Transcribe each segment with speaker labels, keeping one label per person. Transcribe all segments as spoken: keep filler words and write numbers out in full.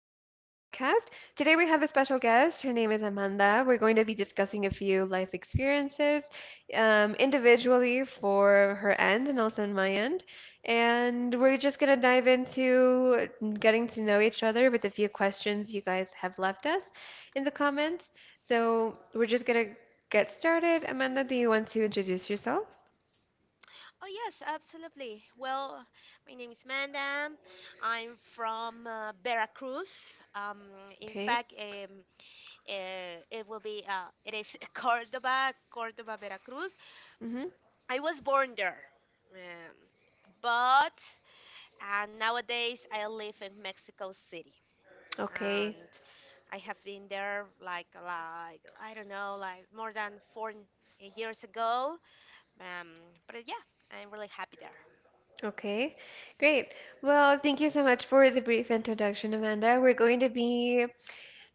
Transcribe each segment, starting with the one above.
Speaker 1: podcast. Today we have a special guest. Her name is Amanda. We're going to be discussing a few life experiences um, individually for her end and also on my end. And we're just going to dive into getting to know each other with a few questions you guys have left us in the comments. So we're just going to get started. Amanda, do you want to introduce yourself?
Speaker 2: Oh, yes, absolutely. Well, my name is Manda. I'm from uh, Veracruz. Um, in
Speaker 1: Okay.
Speaker 2: fact, um, uh, it will be uh, it is Cordoba, Cordoba, Veracruz.
Speaker 1: Mm-hmm.
Speaker 2: I was born there, um, but uh, nowadays I live in Mexico City,
Speaker 1: Okay.
Speaker 2: and I have been there like like I don't know, like more than four years ago. Um, but yeah, I'm really happy there.
Speaker 1: Okay, great. Well, thank you so much for the brief introduction, Amanda. We're going to be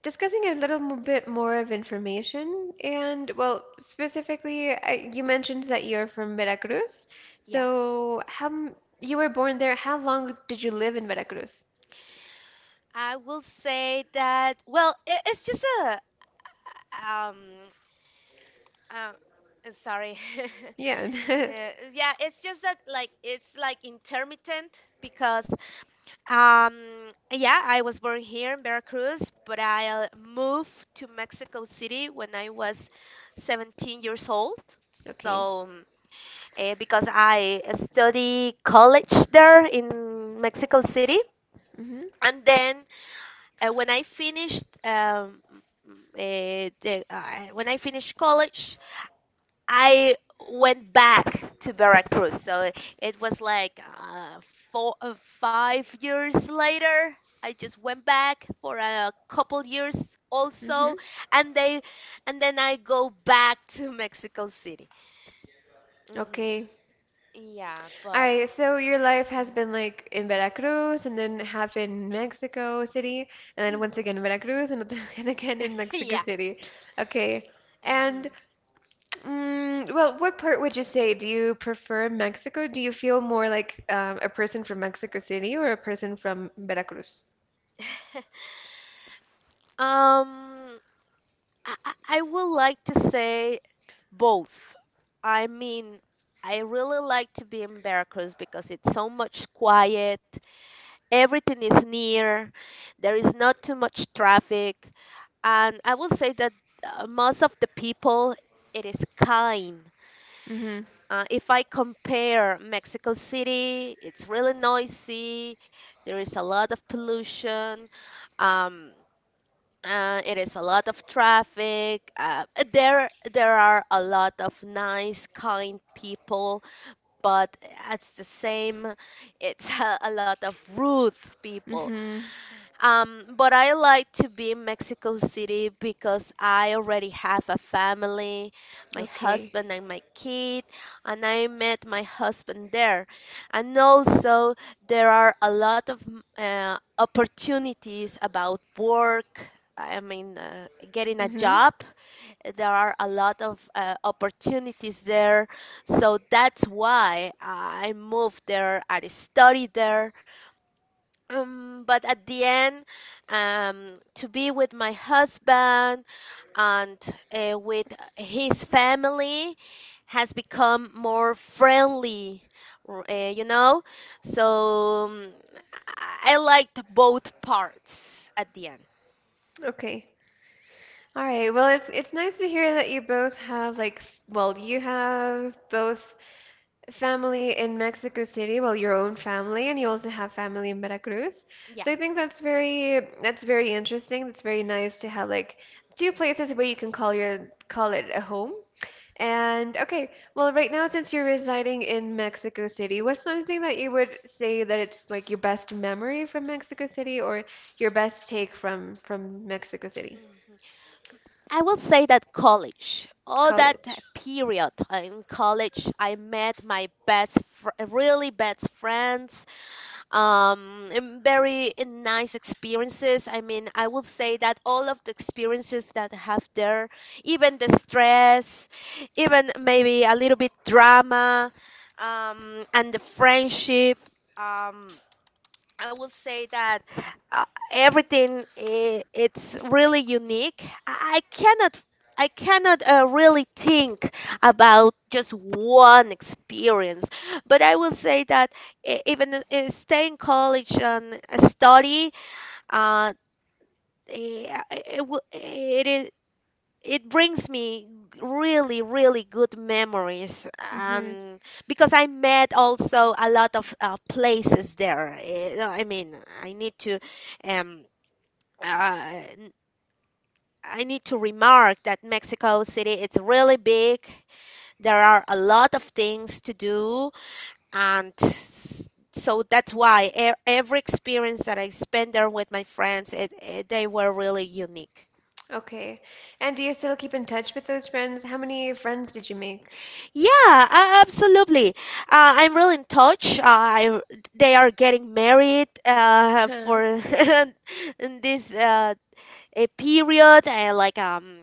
Speaker 1: discussing a little mo- bit more of information. And,
Speaker 2: hmm
Speaker 1: well, specifically, I, you mentioned that you're from Veracruz. So, how m- you were born there. How long did you live in Veracruz?
Speaker 2: I will say that, well, it, it's just a um uh, uh, sorry.
Speaker 1: Yeah.
Speaker 2: Uh, yeah, it's just that like it's like intermittent because um yeah, I was born here in Veracruz, but I uh, moved to Mexico City when I was seventeen years old.
Speaker 1: Okay.
Speaker 2: So uh, because I study college there in Mexico City,
Speaker 1: Mm-hmm.
Speaker 2: and then uh, when I finished um, uh, the, uh, when I finished college, I went back to Veracruz. So it was like uh, four, uh, five years later. I just went back for a couple years
Speaker 1: Mm-hmm.
Speaker 2: also, and they, and then I go back to Mexico City. hmm
Speaker 1: Okay.
Speaker 2: Yeah,
Speaker 1: All
Speaker 2: but
Speaker 1: right, so your life has
Speaker 2: uh,
Speaker 1: been like in Veracruz and then half in Mexico City and then once
Speaker 2: mhm.
Speaker 1: again in Veracruz and, and again in Mexico
Speaker 2: Yeah.
Speaker 1: City. Okay.
Speaker 2: hmm
Speaker 1: And mm, well, what part would you say? Do you prefer Mexico? Do you feel more like um, a person from Mexico City or a person from Veracruz?
Speaker 2: Um, I, I I would like to say both. I mean, I really like to be in Veracruz because it's so much quiet, everything is near, there is not too much traffic, and I will say that uh, most of the people, it is kind.
Speaker 1: Mm-hmm.
Speaker 2: Uh, if I compare Mexico City, it's really noisy, there is a lot of pollution. Um, uh, it is a lot of traffic. Uh, there, there are a lot of nice, kind people, but at the same, it's a, a lot of rude people.
Speaker 1: Mm-hmm.
Speaker 2: Um, but I like to be in Mexico City because I already have a family, my
Speaker 1: Okay.
Speaker 2: husband and my kid, and I met my husband there. And also, there are a lot of mm, uh, opportunities about work. I mean, uh, getting a
Speaker 1: Mm-hmm.
Speaker 2: job. There are a lot of uh, opportunities there. So that's why I moved there. I studied there, um, but at the end, um, to be with my husband and uh, with his family has become more friendly, r- uh, you know? So um, I I liked both parts at the end.
Speaker 1: Okay. All right. Well, it's it's nice to hear that you both have like f- well, you have both family in Mexico City, well, your own family, and you also have family in Veracruz.
Speaker 2: Yeah.
Speaker 1: So I think that's very that's very interesting. That's very nice to have like two places where you can call your call it a home. And okay, well, right now since you're residing in Mexico City, what's something that you would say that it's like your best memory from Mexico City or your best take from from Mexico City?
Speaker 2: Mhm. I will say that college, all that
Speaker 1: College.
Speaker 2: period in college, I met my best, fr- really best friends, um, and very uh, nice experiences. I mean, I would say that all of the experiences that I have there, even the stress, even maybe a little bit drama, um, and the friendship. Um, I will say that uh, everything i- it's really unique. I I cannot I cannot uh, really think about just one experience, but I will say that e- even uh, uh, stay in college and uh, study, uh, eh, it, it, it brings me really really good memories,
Speaker 1: Mm-hmm.
Speaker 2: um because I met also a lot of uh, places there. Eh, no, I mean, i need to um uh, n- i need to remark that Mexico City, it's really big. There are a lot of things to do, and s- so that's why e- every experience that I spent there with my friends, it, it, they were really unique.
Speaker 1: Okay. And do you still keep in touch with those friends? How many friends did you make?
Speaker 2: Yeah, uh, absolutely. Uh, I'm really in touch. Uh, I, they are getting married uh, for
Speaker 1: Huh.
Speaker 2: in this uh, a period, uh, like um,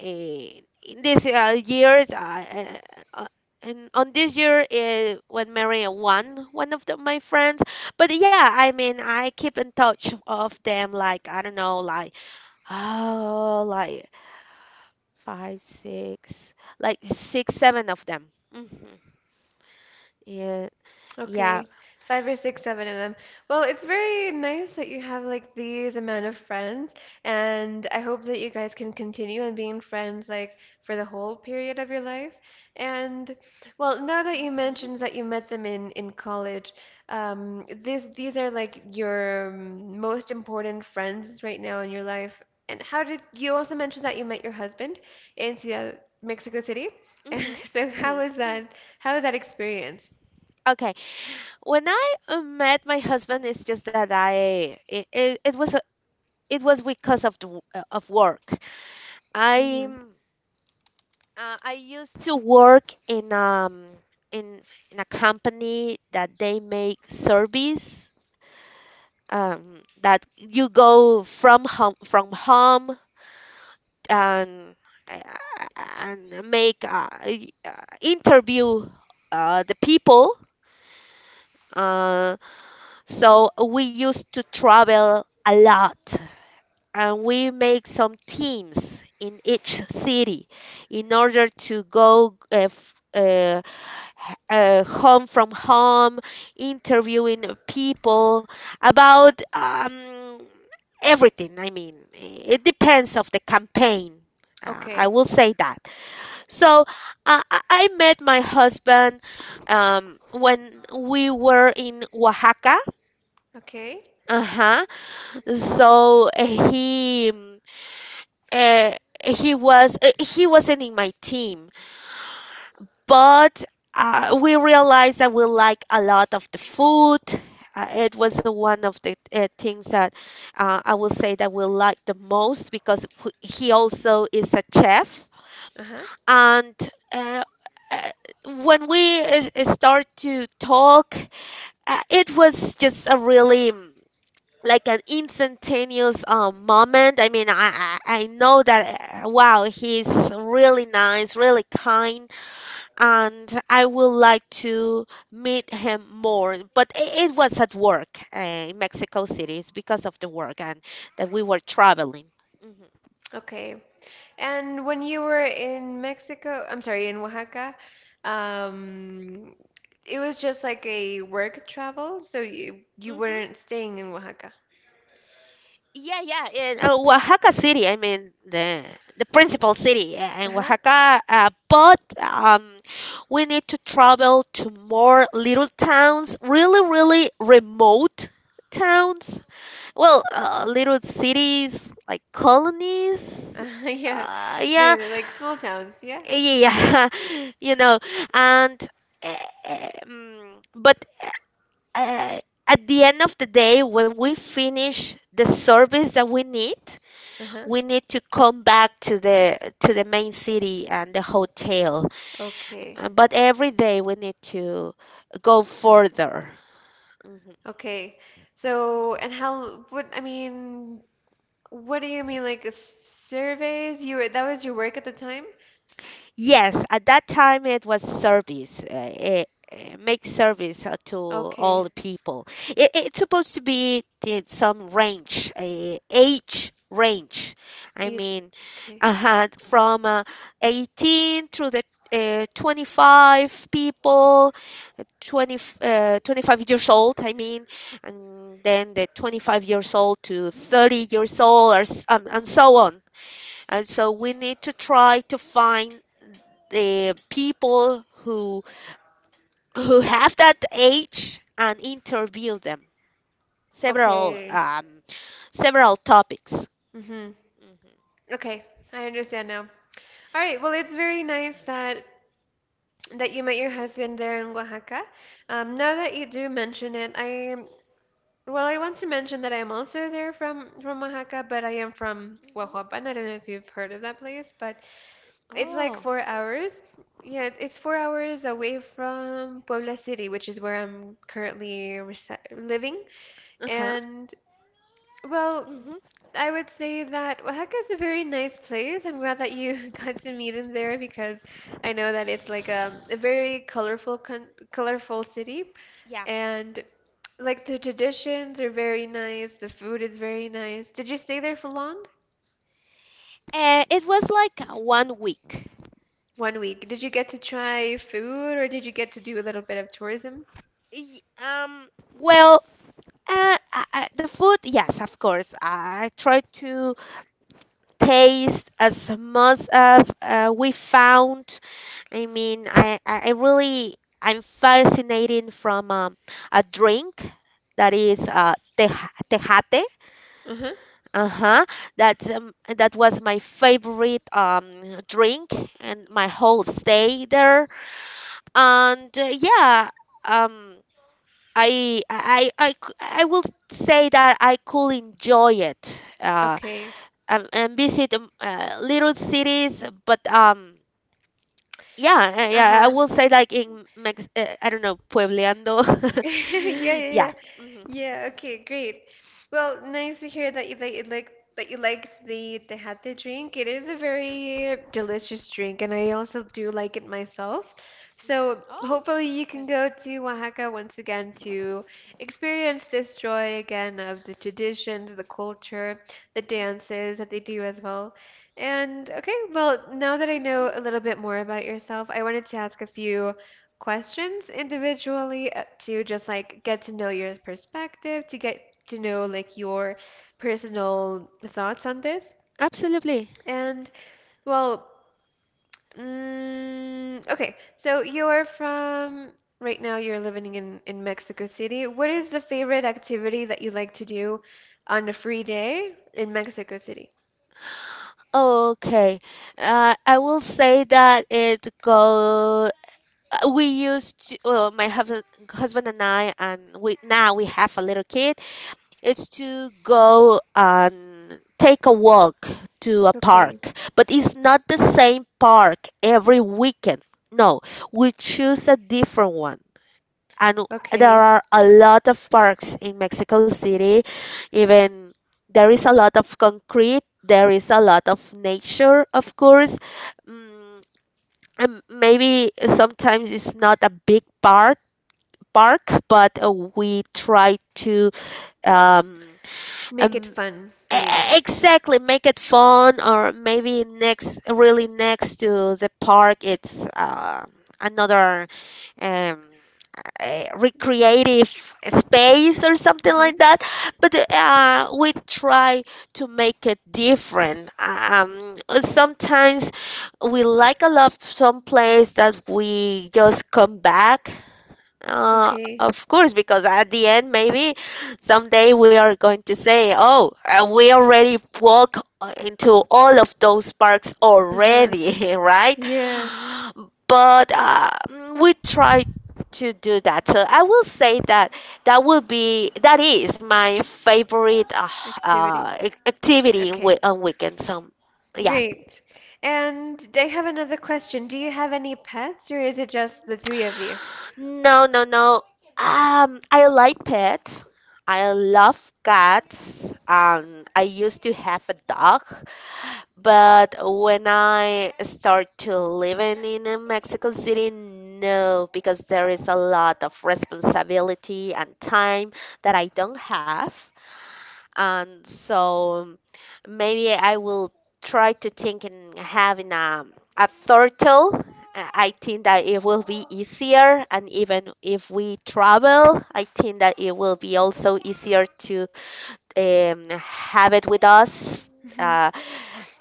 Speaker 2: a, in this uh, years. Uh, uh, uh, and on this year, uh, when marrying one one of the, my friends. But yeah, I mean, I keep in touch of them. Like I don't know, like, oh, like five, six, like six, seven of them. hmm Yeah, yeah.
Speaker 1: Okay, five or six, seven of them. Well, it's very nice that you have like these amount of friends, and I hope that you guys can continue on being friends like for the whole period of your life. And well, now that you
Speaker 2: Mm-hmm.
Speaker 1: mentioned that you met them in in college, um, this these are like your um, most important friends right now in your life. And how did you also mentioned that you met your husband in Ciudad, Mexico City?
Speaker 2: Mm-hmm.
Speaker 1: So how
Speaker 2: Mm-hmm.
Speaker 1: was that? How was that experience?
Speaker 2: Okay. When I uh, met my husband, it's just that I it, it, it was a, it was because of the, w- uh, of work. I uh, I used to work in um in in a company that they make service, um that you go from home from home, and uh, and make uh, y- uh, interview uh, the people. Uh, so we used to travel a lot, and we make some teams in each city in order to go uh, f- uh, h- uh, home from home, interviewing people about um, everything. I mean, it depends of the campaign. Uh, I
Speaker 1: Okay.
Speaker 2: will say that. So uh, I I met my husband um, when we were in Oaxaca.
Speaker 1: Okay.
Speaker 2: Uh-huh. So uh, he mm, uh, he was uh, he wasn't in my team, but uh, we realized that we like a lot of the food. Uh, it was uh, one of the uh, things that uh, I will say that we like the most, because wh- he also is a chef.
Speaker 1: Uh-huh.
Speaker 2: And uh, uh, when we uh, uh, start to talk, uh, it was just a really mm, like an instantaneous um, moment. I mean, I, I I know that uh, wow, he's really nice, really kind, and I would like to meet him more. But it, it was at work, uh, in Mexico City. It's because of the work and that we were traveling.
Speaker 1: Okay. And when you were in Mexico, I'm sorry, in Oaxaca, um, it was just like a work travel, so you you
Speaker 2: Mhm.
Speaker 1: weren't staying in Oaxaca.
Speaker 2: Yeah, yeah, in uh, Oaxaca City. I mean, the the principal city uh, in
Speaker 1: Uh-huh.
Speaker 2: Oaxaca. Uh, but um, we need to travel to more little towns, really, really remote towns. Well, uh, little cities like colonies.
Speaker 1: Uh-huh. Yeah.
Speaker 2: Uh,
Speaker 1: No,
Speaker 2: yeah,
Speaker 1: no, like small towns, yeah.
Speaker 2: yeah, you know, and uh, um, but. Uh, at the end of the day, when we finish the service that we need,
Speaker 1: Uh-huh.
Speaker 2: we need to come back to the to the main city and the hotel.
Speaker 1: Okay.
Speaker 2: Uh, But every day we need to go further. Mhm.
Speaker 1: Okay. So, and how, what, I mean, what do you mean, like uh, surveys? You were, that was your work at the time?
Speaker 2: Yes, at that time it was service. Uh, eh, eh, make service uh, to all the
Speaker 1: Okay.
Speaker 2: people. It, it's supposed to be in some range, uh, age range. I
Speaker 1: Ir-
Speaker 2: mean,
Speaker 1: Okay.
Speaker 2: uh, from uh, eighteen through the uh, twenty-five people, twenty, uh, twenty-five years old, I mean, and then the twenty-five years old to thirty years old, or, s- um, and so on. And so we need to try to find the people who who have that age and interview them. Several
Speaker 1: Okay.
Speaker 2: um, several topics.
Speaker 1: Mm-hmm.
Speaker 2: Hmm.
Speaker 1: Okay, I understand now. All right, well, it's very nice that that you met your husband there in Oaxaca. Um, now that you do mention it, I well, I want to mention that I'm also there from from Oaxaca, but I am from
Speaker 2: Hmm.
Speaker 1: Huajuapan. I don't know if you've heard of that place, but it's like
Speaker 2: Oh,
Speaker 1: four hours. Yeah, it's four hours away from Puebla City, which is where I'm currently resi living.
Speaker 2: uh-huh.
Speaker 1: And well,
Speaker 2: hmm
Speaker 1: I would say that Oaxaca is a very nice place. I'm glad that you got to meet him there because I know that it's like a, a very colorful con colorful city
Speaker 2: Yeah.
Speaker 1: and like the traditions are very nice, the food is very nice. Did you stay there for long?
Speaker 2: Uh, it was like one week.
Speaker 1: One week. Did you get to try food or did you get to do a little bit of tourism?
Speaker 2: Y- Um, well, Uh, I, I- the food, yes, of course. I try to taste as much of uh, we found. I mean, I, I I really I'm fascinating from um, a drink that is uh, teja- tejate.
Speaker 1: Uh-huh.
Speaker 2: Uh-huh. That's um, that was my favorite um drink and my whole stay there. And uh, yeah, um. I I I c- I will say that I could enjoy it, uh
Speaker 1: Okay.
Speaker 2: and, and visit um, uh, little cities, but um yeah, uh, yeah, I
Speaker 1: Uh-huh.
Speaker 2: will say, like in Mex uh, I don't know, puebleando.
Speaker 1: Yeah, yeah,
Speaker 2: Yeah.
Speaker 1: yeah.
Speaker 2: Hmm
Speaker 1: Yeah, okay, great. Well, nice to hear that you that you like that you liked the the Tejate drink. It is a very delicious drink, and I also do like it myself. So
Speaker 2: Oh,
Speaker 1: hopefully you can
Speaker 2: okay.
Speaker 1: go to Oaxaca once again to experience this joy again of the traditions, the culture, the dances that they do as well. And okay, well, now that I know
Speaker 2: hmm
Speaker 1: a little bit more about yourself, I wanted to ask a few questions individually uh, to just like get to know your perspective, to get to know like your personal thoughts on this.
Speaker 2: Absolutely.
Speaker 1: And well, mm, okay, so you're from right now you're living in in Mexico City. What is the favorite activity that you like to do on a free day in Mexico City?
Speaker 2: Okay. uh I will say that it go uh, we used to, well, my husband husband and I, and we now we have a little kid. It's to go and take a walk to a park,
Speaker 1: Okay.
Speaker 2: but it's not the same park every weekend. No, we choose a different one. And there
Speaker 1: Okay.
Speaker 2: are a lot of parks in Mexico City. Even there is a lot of concrete, there is a lot of nature, of course. Mm, and maybe sometimes it's not a big park, park, but uh, we try to um,
Speaker 1: Make it
Speaker 2: um,
Speaker 1: fun,
Speaker 2: E- e-
Speaker 1: maybe.
Speaker 2: Exactly, make it fun, or maybe next, really next to the park, it's uh, another um, uh, recreative space or something
Speaker 1: Mm-hmm.
Speaker 2: like that. But uh, we try to make it different. Um, sometimes we like a lot some place that we just come back, uh,
Speaker 1: Okay.
Speaker 2: of course, because at the end, maybe someday we are going to say, "Oh, uh, we already walk uh, into all of those parks
Speaker 1: Uh-huh.
Speaker 2: already," right?
Speaker 1: Yeah.
Speaker 2: But uh, mm, we try to do that. So I will say that that will be that is my favorite uh, uh,
Speaker 1: Activity.
Speaker 2: ac- activity,
Speaker 1: Okay.
Speaker 2: wi- on weekends. Um, yeah.
Speaker 1: Great. And I have another question. Do you have any pets, or is it just the three of you?
Speaker 2: No, no, no. Um, I like pets. I love cats. Um, I used to have a dog, but when I start to living in uh, Mexico City, no, because there is a lot of responsibility and time that I don't have, and so maybe I will try to think in having a, a turtle. Uh, I think that it will be easier, and even if we travel, I think that it will be also easier to um, have it with us,
Speaker 1: Hmm.
Speaker 2: uh,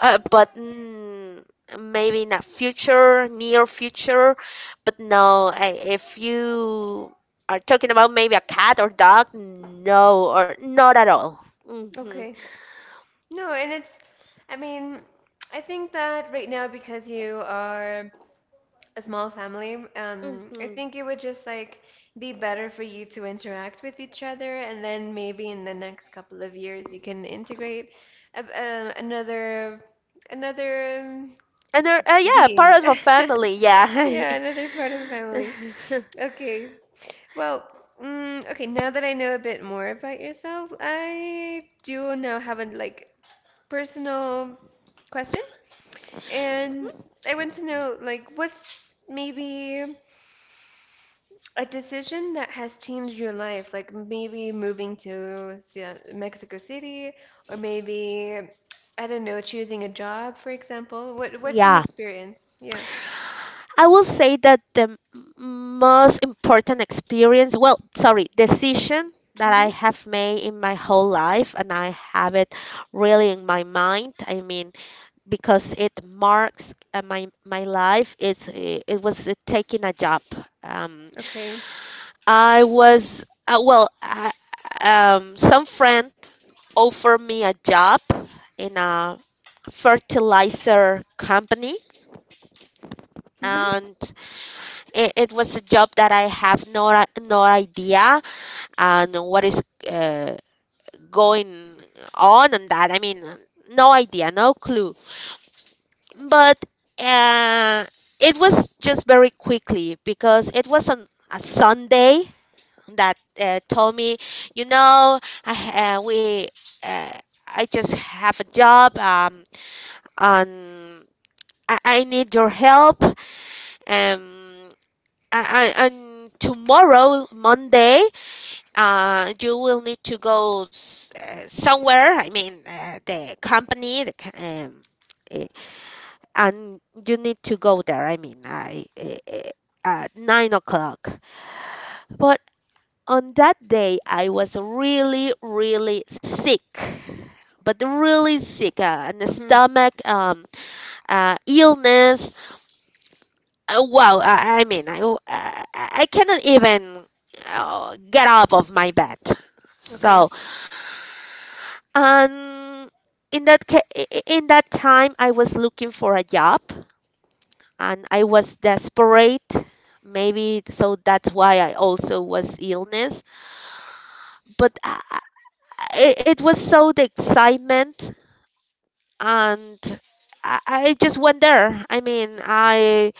Speaker 2: uh, but mm, maybe in a future, near future. But no, I, if you are talking about maybe a cat or dog, no, or not at all. Mm-hmm.
Speaker 1: Okay. No, and it's, I mean, I think that right now because you are a small family, um, I
Speaker 2: Mm-hmm.
Speaker 1: think it would just like be better for you to interact with each other, and then maybe in the next couple of years you can integrate a, uh, another another um,
Speaker 2: And they're, uh, yeah, part
Speaker 1: being.
Speaker 2: of a family. Yeah.
Speaker 1: Yeah, another part of the family. Okay. Well, mm, okay, now that I know a bit more about yourself, I do now have a like personal question. And I want to know like what's maybe a decision that has changed your life, like maybe moving to Ci- Mexico City or maybe I don't know, choosing a job, for example. What what's an
Speaker 2: Yeah.
Speaker 1: experience? Yeah.
Speaker 2: I will say that the m- most important experience, well, sorry, decision that I
Speaker 1: Mm-hmm.
Speaker 2: have made in my whole life, and I have it really in my mind. I mean, because it marks uh, my my life. It's uh, it was uh, taking a job. Um,
Speaker 1: Okay.
Speaker 2: I was uh, well, I, um, some friend offered me a job in a fertilizer company,
Speaker 1: Mm-hmm.
Speaker 2: and it, it was a job that I have no i- no idea and what is uh, going on and that. I mean, no idea, no clue. But uh, it was just very quickly because it was on a Sunday that uh, told me, you know, I, uh, we uh, I just have a job, um, and I, I need your help, um, I, I, and tomorrow, Monday, uh, you will need to go s- uh, somewhere. I mean, uh, the company, the, c- um, eh, and you need to go there. I mean, I uh, at nine o'clock. But on that day, I was really, really sick. But really sick, uh, and the
Speaker 1: Mm-hmm.
Speaker 2: stomach, um, uh, illness. Uh, wow, I, I mean, I, I I cannot even uh, get up of my bed.
Speaker 1: Okay.
Speaker 2: So, and in that ca- i- i- in that time, I was looking for a job, and I was desperate. Maybe so that's why I also was illness. But uh, I, I- it was so the excitement, and I, I just went there. I mean, I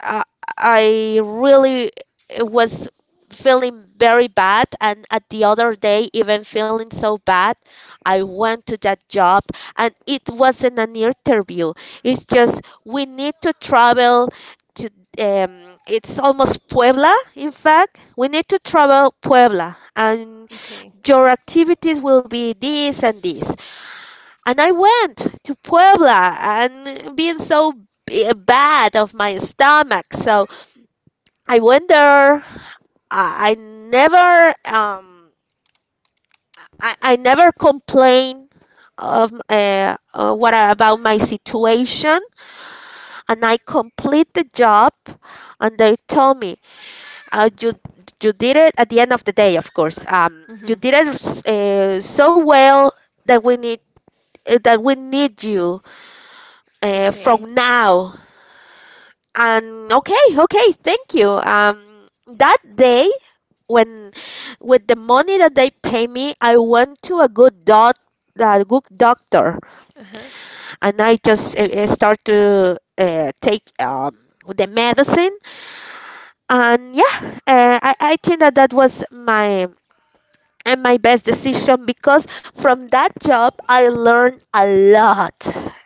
Speaker 2: uh, I really was feeling very bad, and at the other day, even feeling so bad, I went to that job, and it wasn't an interview. It's just we need to travel to, um, it's almost Puebla. In fact, we need to travel Puebla, and
Speaker 1: Okay.
Speaker 2: your activities will be this and this. And I went to Puebla, and being so b- bad of my stomach. So I went there. I, I never um I, I never complain of uh, uh, what I- about my situation, and I complete the job, and they told me, uh, you, you did it. At the end of the day, of course. Um, you
Speaker 1: Mm-hmm.
Speaker 2: did it s- uh, so well that we need, uh, that we need you uh,
Speaker 1: Okay.
Speaker 2: from now. And okay, okay, thank you. Um, that day, when with the money that they pay me, I went to a good doc, a good doctor,
Speaker 1: Uh-huh.
Speaker 2: and I just uh, uh, start to uh, take um the medicine. And yeah, uh, I I think that that was my and my best decision, because from that job I learned a lot.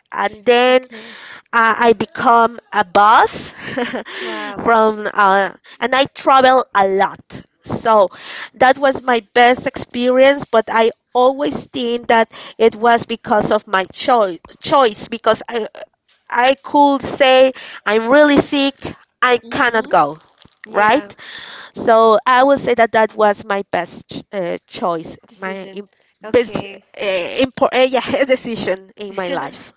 Speaker 2: And then
Speaker 1: Okay.
Speaker 2: uh, I become a boss
Speaker 1: Wow.
Speaker 2: from uh, and I travel a lot. So that was my best experience, but I always think that it was because of my choi- choice, because I, I could say I'm really sick, I cannot
Speaker 1: Mm-hmm.
Speaker 2: go, right?
Speaker 1: Yeah.
Speaker 2: So I would say that that was my best ch- uh, choice, my
Speaker 1: Decision.
Speaker 2: im- best,
Speaker 1: Okay.
Speaker 2: uh, impor- uh, yeah, decision in my life.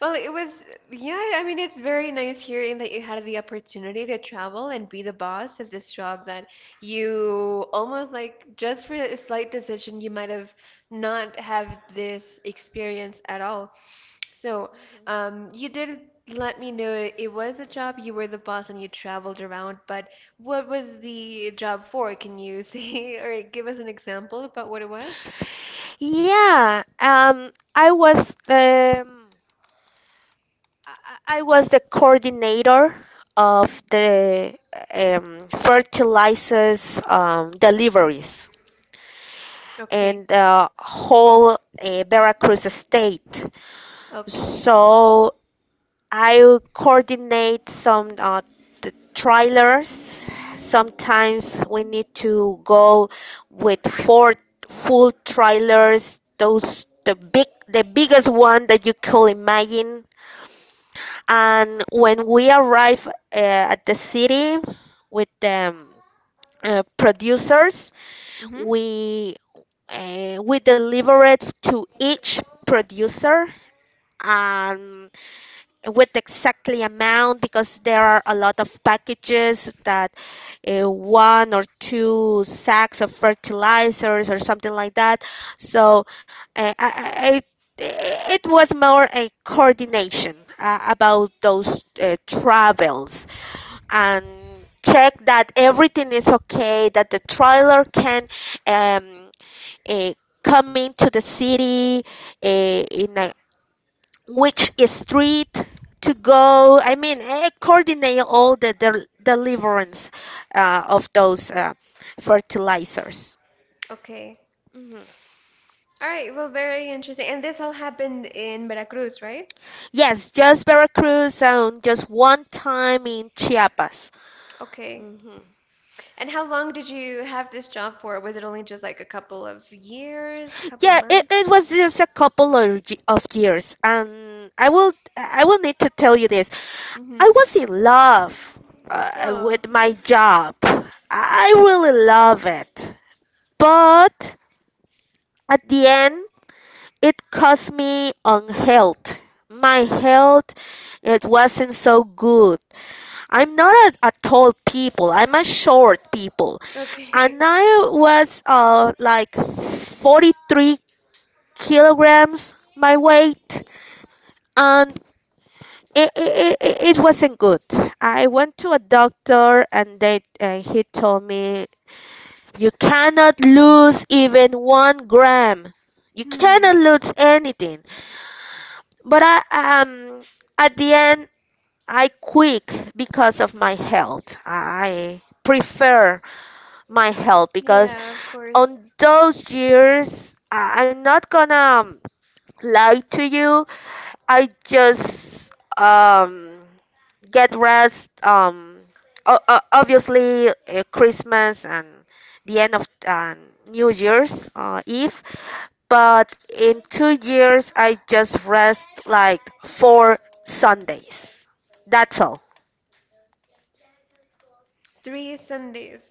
Speaker 1: Well, it was, yeah, I mean, it's very nice hearing that you had the opportunity to travel and be the boss of this job that you almost like just for a slight decision, you might have not have this experience at all. So, um, you did let me know it, it was a job, you were the boss, and you traveled around, but what was the job for? Can you say or give us an example about what it was?
Speaker 2: Yeah, um, I was the um, I I was the coordinator of the, um, fertilizers, um, deliveries
Speaker 1: Okay,
Speaker 2: in the whole uh, Veracruz state.
Speaker 1: okay.
Speaker 2: So I coordinate some, uh, the trailers. Sometimes we need to go with four full trailers, those the big the biggest one that you could imagine. And when we arrive uh, at the city with the um, uh, producers,
Speaker 1: Mm-hmm.
Speaker 2: we uh, we deliver it to each producer. And with exactly amount, because there are a lot of packages that uh, one or two sacks of fertilizers or something like that. So uh, I, I, I- eh, it was more a coordination uh, about those uh, travels, and check that everything is okay, that the trailer can um, uh, come into the city uh, in a which street to go. I mean, I coordinate all the del- deliverance uh, of those uh, fertilizers.
Speaker 1: Okay.
Speaker 2: Mhm.
Speaker 1: All right, well, very interesting. And this all happened in Veracruz, right?
Speaker 2: Yes, just Veracruz and just one time in Chiapas.
Speaker 1: Okay.
Speaker 2: Hmm.
Speaker 1: And how long did you have this job for? Was it only just like a couple of years, a couple of
Speaker 2: Yeah, it, it
Speaker 1: months?
Speaker 2: was just a couple of, y- of years, and I will I will need to tell you this.
Speaker 1: Mm-hmm.
Speaker 2: I was in love uh,
Speaker 1: Oh,
Speaker 2: with my job. I I really love it, but at the end it cost me on health. My health, it wasn't so good. I'm not a, a tall people. I'm a short people,
Speaker 1: okay.
Speaker 2: and I was uh like forty-three kilograms my weight, and it, it, it wasn't good. I went to a doctor, and they uh, he told me you cannot lose even one gram. You cannot
Speaker 1: Hmm.
Speaker 2: lose anything. But I um at the end I quit because of my health. I prefer my health, because
Speaker 1: Yeah, of course.
Speaker 2: on those years I- I'm not gonna um, lie to you. I just um get rest, um o- o- obviously uh, Christmas and the end of uh, New Year's uh, Eve, but in two years, I just rest like four Sundays. That's all.
Speaker 1: Three Sundays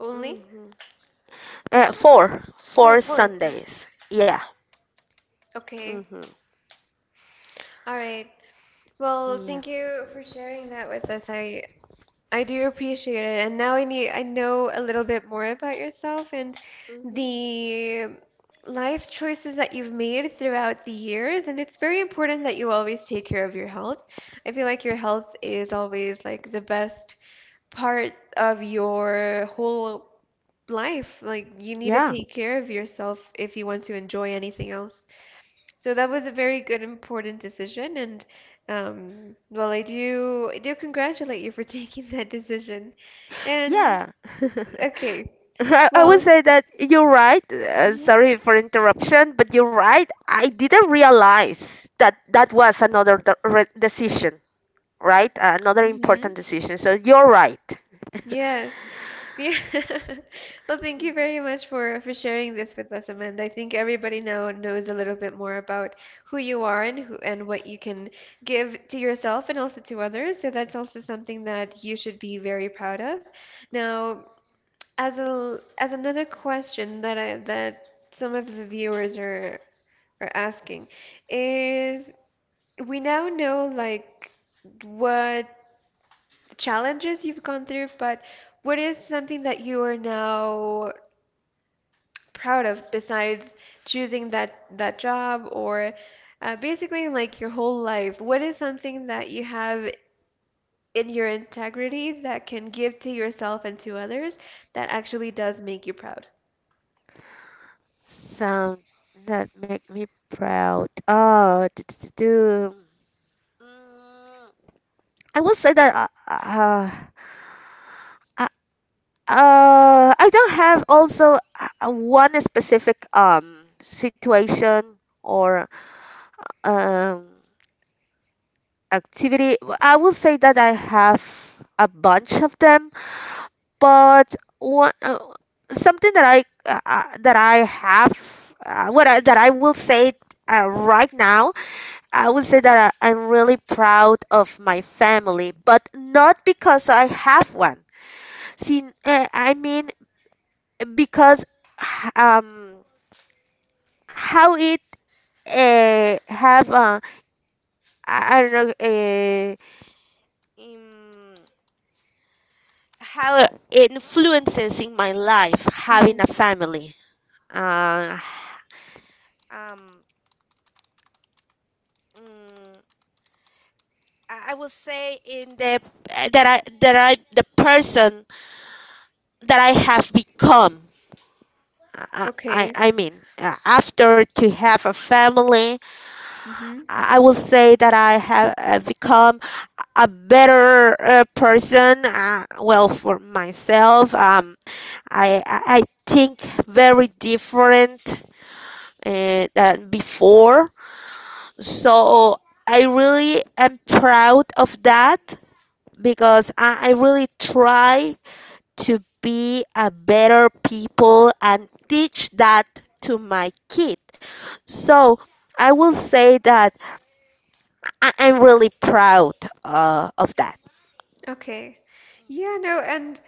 Speaker 1: only?
Speaker 2: Mhm. Uh, four,
Speaker 1: Oh,
Speaker 2: four
Speaker 1: four Sundays.
Speaker 2: Sundays. Yeah.
Speaker 1: Okay.
Speaker 2: Mhm.
Speaker 1: All right. Well,
Speaker 2: Yeah.
Speaker 1: thank you for sharing that with us. I I do appreciate it. And now I need I know a little bit more about yourself and
Speaker 2: Mhm.
Speaker 1: the life choices that you've made throughout the years. And it's very important that you always take care of your health. I feel like your health is always like the best part of your whole life. Like you need to
Speaker 2: Yeah,
Speaker 1: take care of yourself if you want to enjoy anything else. So that was a very good, important decision, and um, well, I do I do congratulate you for taking that decision. And
Speaker 2: yeah.
Speaker 1: okay,
Speaker 2: I, I would
Speaker 1: well,
Speaker 2: say that you're right. Uh,
Speaker 1: mm-hmm,
Speaker 2: sorry for interruption, but you're right. I didn't realize that that was another de- re- decision, right? Uh, another
Speaker 1: mm-hmm.
Speaker 2: important decision. So you're right.
Speaker 1: Yes. Yeah. Well, thank you very much for for sharing this with us, Amanda. I think everybody now knows a little bit more about who you are and who and what you can give to yourself and also to others. So that's also something that you should be very proud of. Now, as a l- as another question that I that some of the viewers are are asking is we now know like what challenges you've gone through, but what is something that you are now proud of besides choosing that that job or uh, basically like your whole life? What is something that you have in your integrity that can give to yourself and to others that actually does make you proud?
Speaker 2: Sound that make me proud. Oh, do, do, do, do. Mm, I will say that, uh, uh, uh, uh, I don't have also, uh, uh, one specific um situation or um activity. W- I will say that I have a bunch of them, but one, uh, something that I uh, uh, that I have, uh, what I, that I will say uh, right now. I would say that I, I'm really proud of my family, but not because I have one. See, uh, I mean, because h- um how it uh, have uh, I, I don't know uh, um, how it influences in my life having
Speaker 1: Mm-hmm.
Speaker 2: a family. Uh, um, mm, I I will say in the eh, that I that I the person that I have become, I, I,
Speaker 1: Okay.
Speaker 2: I mean, uh, after to have a family,
Speaker 1: Mm-hmm.
Speaker 2: I I will say that I have uh, become a better uh, person. Uh, well, for myself, um, I, I I think very different uh, than before. So I really am proud of that, because I, I really try to be a better people and teach that to my kid. So I will say that I- I'm really proud uh, of that.
Speaker 1: Okay. Yeah, no, and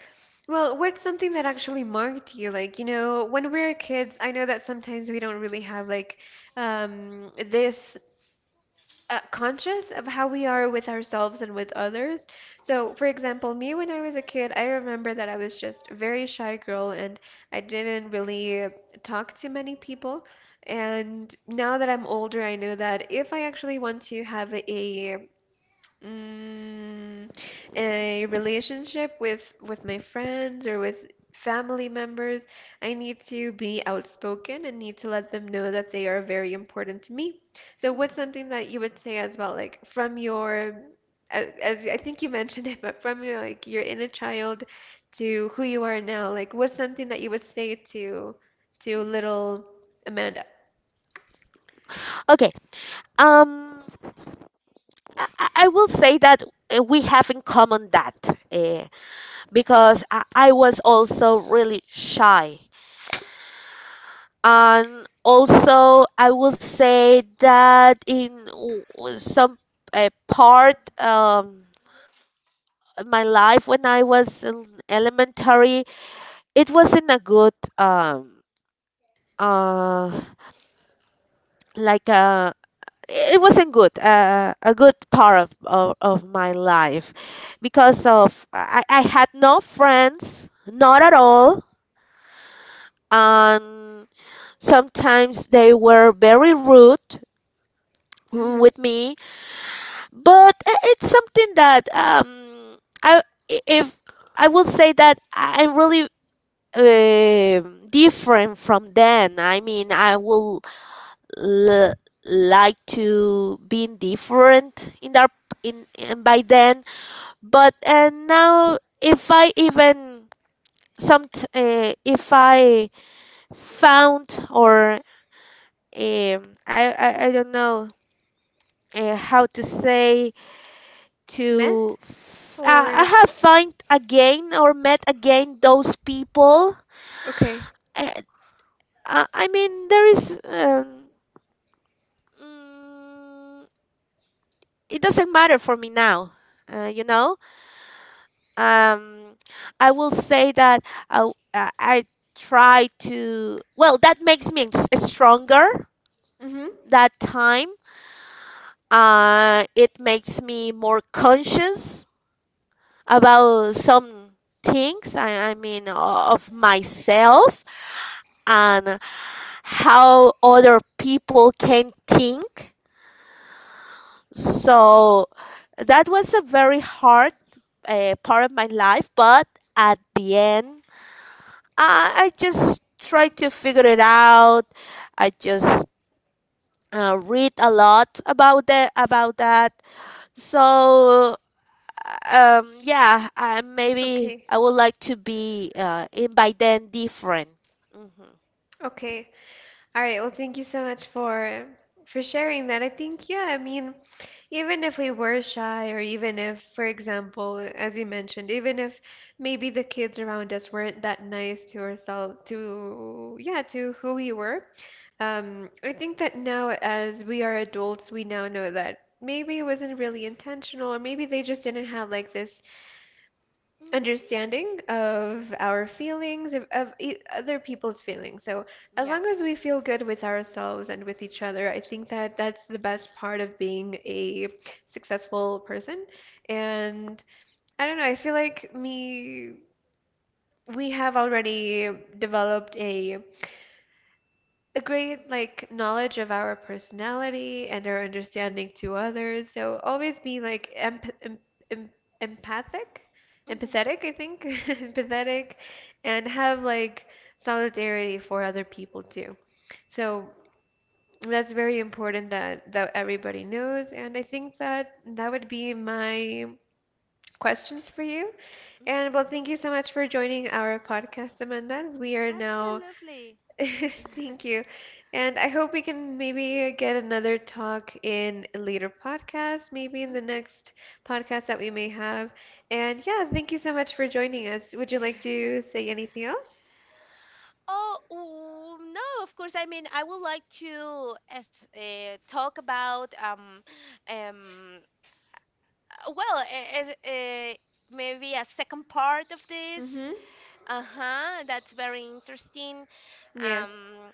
Speaker 1: well, what's something that actually marked you? Like, you know, when we are kids, I know that sometimes we don't really have like um this uh, conscious of how we are with ourselves and with others. So, for example, me when I was a kid, I remember that I was just a very shy girl and I didn't really talk to many people. And now that I'm older, I know that if I actually want to have a mm, a relationship with with my friends or with family members, I need to be outspoken and need to let them know that they are very important to me. So what's something that you would say as well, like from your a- as I think you mentioned it, but from your like your inner child to who you are now, like what's something that you would say to to little Amanda?
Speaker 2: Okay. Um, I, I I will say that uh, we have in common that, uh, because I, I was also really shy. And also, I will say that in w- w- some uh, part, um, my life when I was in elementary, it wasn't a good um uh like uh it wasn't good uh, a good part of, of of my life, because of I, I had no friends, not at all, and sometimes they were very rude
Speaker 1: Mm-hmm.
Speaker 2: with me. But i- it's something that um I, if I will say that I'm really, um, different from them. I mean, I will l- like to be different in that, in, in by then. But and now, if I even some t- uh, if I found or, um, I, I I don't know uh, how to say to.
Speaker 1: Met
Speaker 2: F- uh, I
Speaker 1: or
Speaker 2: have find again or met again those people.
Speaker 1: okay.
Speaker 2: Uh, I I mean, there is. Um, Mm, it doesn't matter for me now. Uh, you know, um, I will say that I, w- uh, I try to. Well, that makes me s- stronger.
Speaker 1: Mm-hmm.
Speaker 2: That time, uh, it makes me more conscious about some things. I, I mean, o- of myself, and how other people can think. So that was a very hard uh, part of my life, but at the end, I, I just tried to figure it out. I just uh, read a lot about the about that. So um, yeah, I, maybe
Speaker 1: Okay.
Speaker 2: I would like to be uh, in by then different. Mm-hmm.
Speaker 1: Okay. All right, well, thank you so much for for sharing that. I think, yeah, I mean, even if we were shy, or even if, for example, as you mentioned, even if maybe the kids around us weren't that nice to ourselves, to, yeah, to who we were, um, I think that now as we are adults, we now know that maybe it wasn't really intentional, or maybe they just didn't have like this understanding of our feelings, of, of e- other people's feelings. So as
Speaker 2: Yeah.
Speaker 1: long as we feel good with ourselves and with each other, I think that that's the best part of being a successful person. And I don't know, I feel like me, we have already developed a a
Speaker 2: Mhm.
Speaker 1: great like knowledge of our personality and our understanding to others. So always be like emp em em empathic,
Speaker 2: Yeah. Mhm.
Speaker 1: empathetic, I think, empathetic, and have like solidarity for other people too. So that's very important that that everybody knows. And I think that that would be my questions for you. And well, thank you so much for joining our podcast, Amanda. We are now
Speaker 2: Absolutely.
Speaker 1: Thank you. And I hope we can maybe get another talk in a later podcast, maybe in the
Speaker 2: Mhm.
Speaker 1: next podcast that we may have. And yeah, thank you so much for joining us. Would you like to say anything else?
Speaker 2: Oh, ooh, no, of course. I mean, I would like to as uh, talk about um um uh, well, a- as uh, maybe a second part of this.
Speaker 1: Mm-hmm.
Speaker 2: Uh-huh, that's very interesting.
Speaker 1: Yes.
Speaker 2: Um,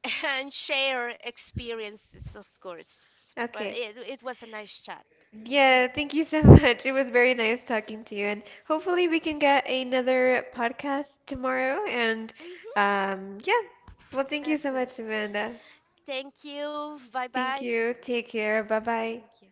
Speaker 2: and share experiences, of course. But
Speaker 1: Okay.
Speaker 2: it it was a nice chat. Mm-hmm.
Speaker 1: Yeah, thank you so much. It was very nice talking to you, and hopefully we can get another podcast tomorrow. And
Speaker 2: Mm-hmm,
Speaker 1: um, yeah, well, thank you so
Speaker 2: absolutely.
Speaker 1: much, Amanda.
Speaker 2: Thank you.
Speaker 1: Thank
Speaker 2: Bye-bye.
Speaker 1: you. Take care. Bye bye.
Speaker 2: Thank you.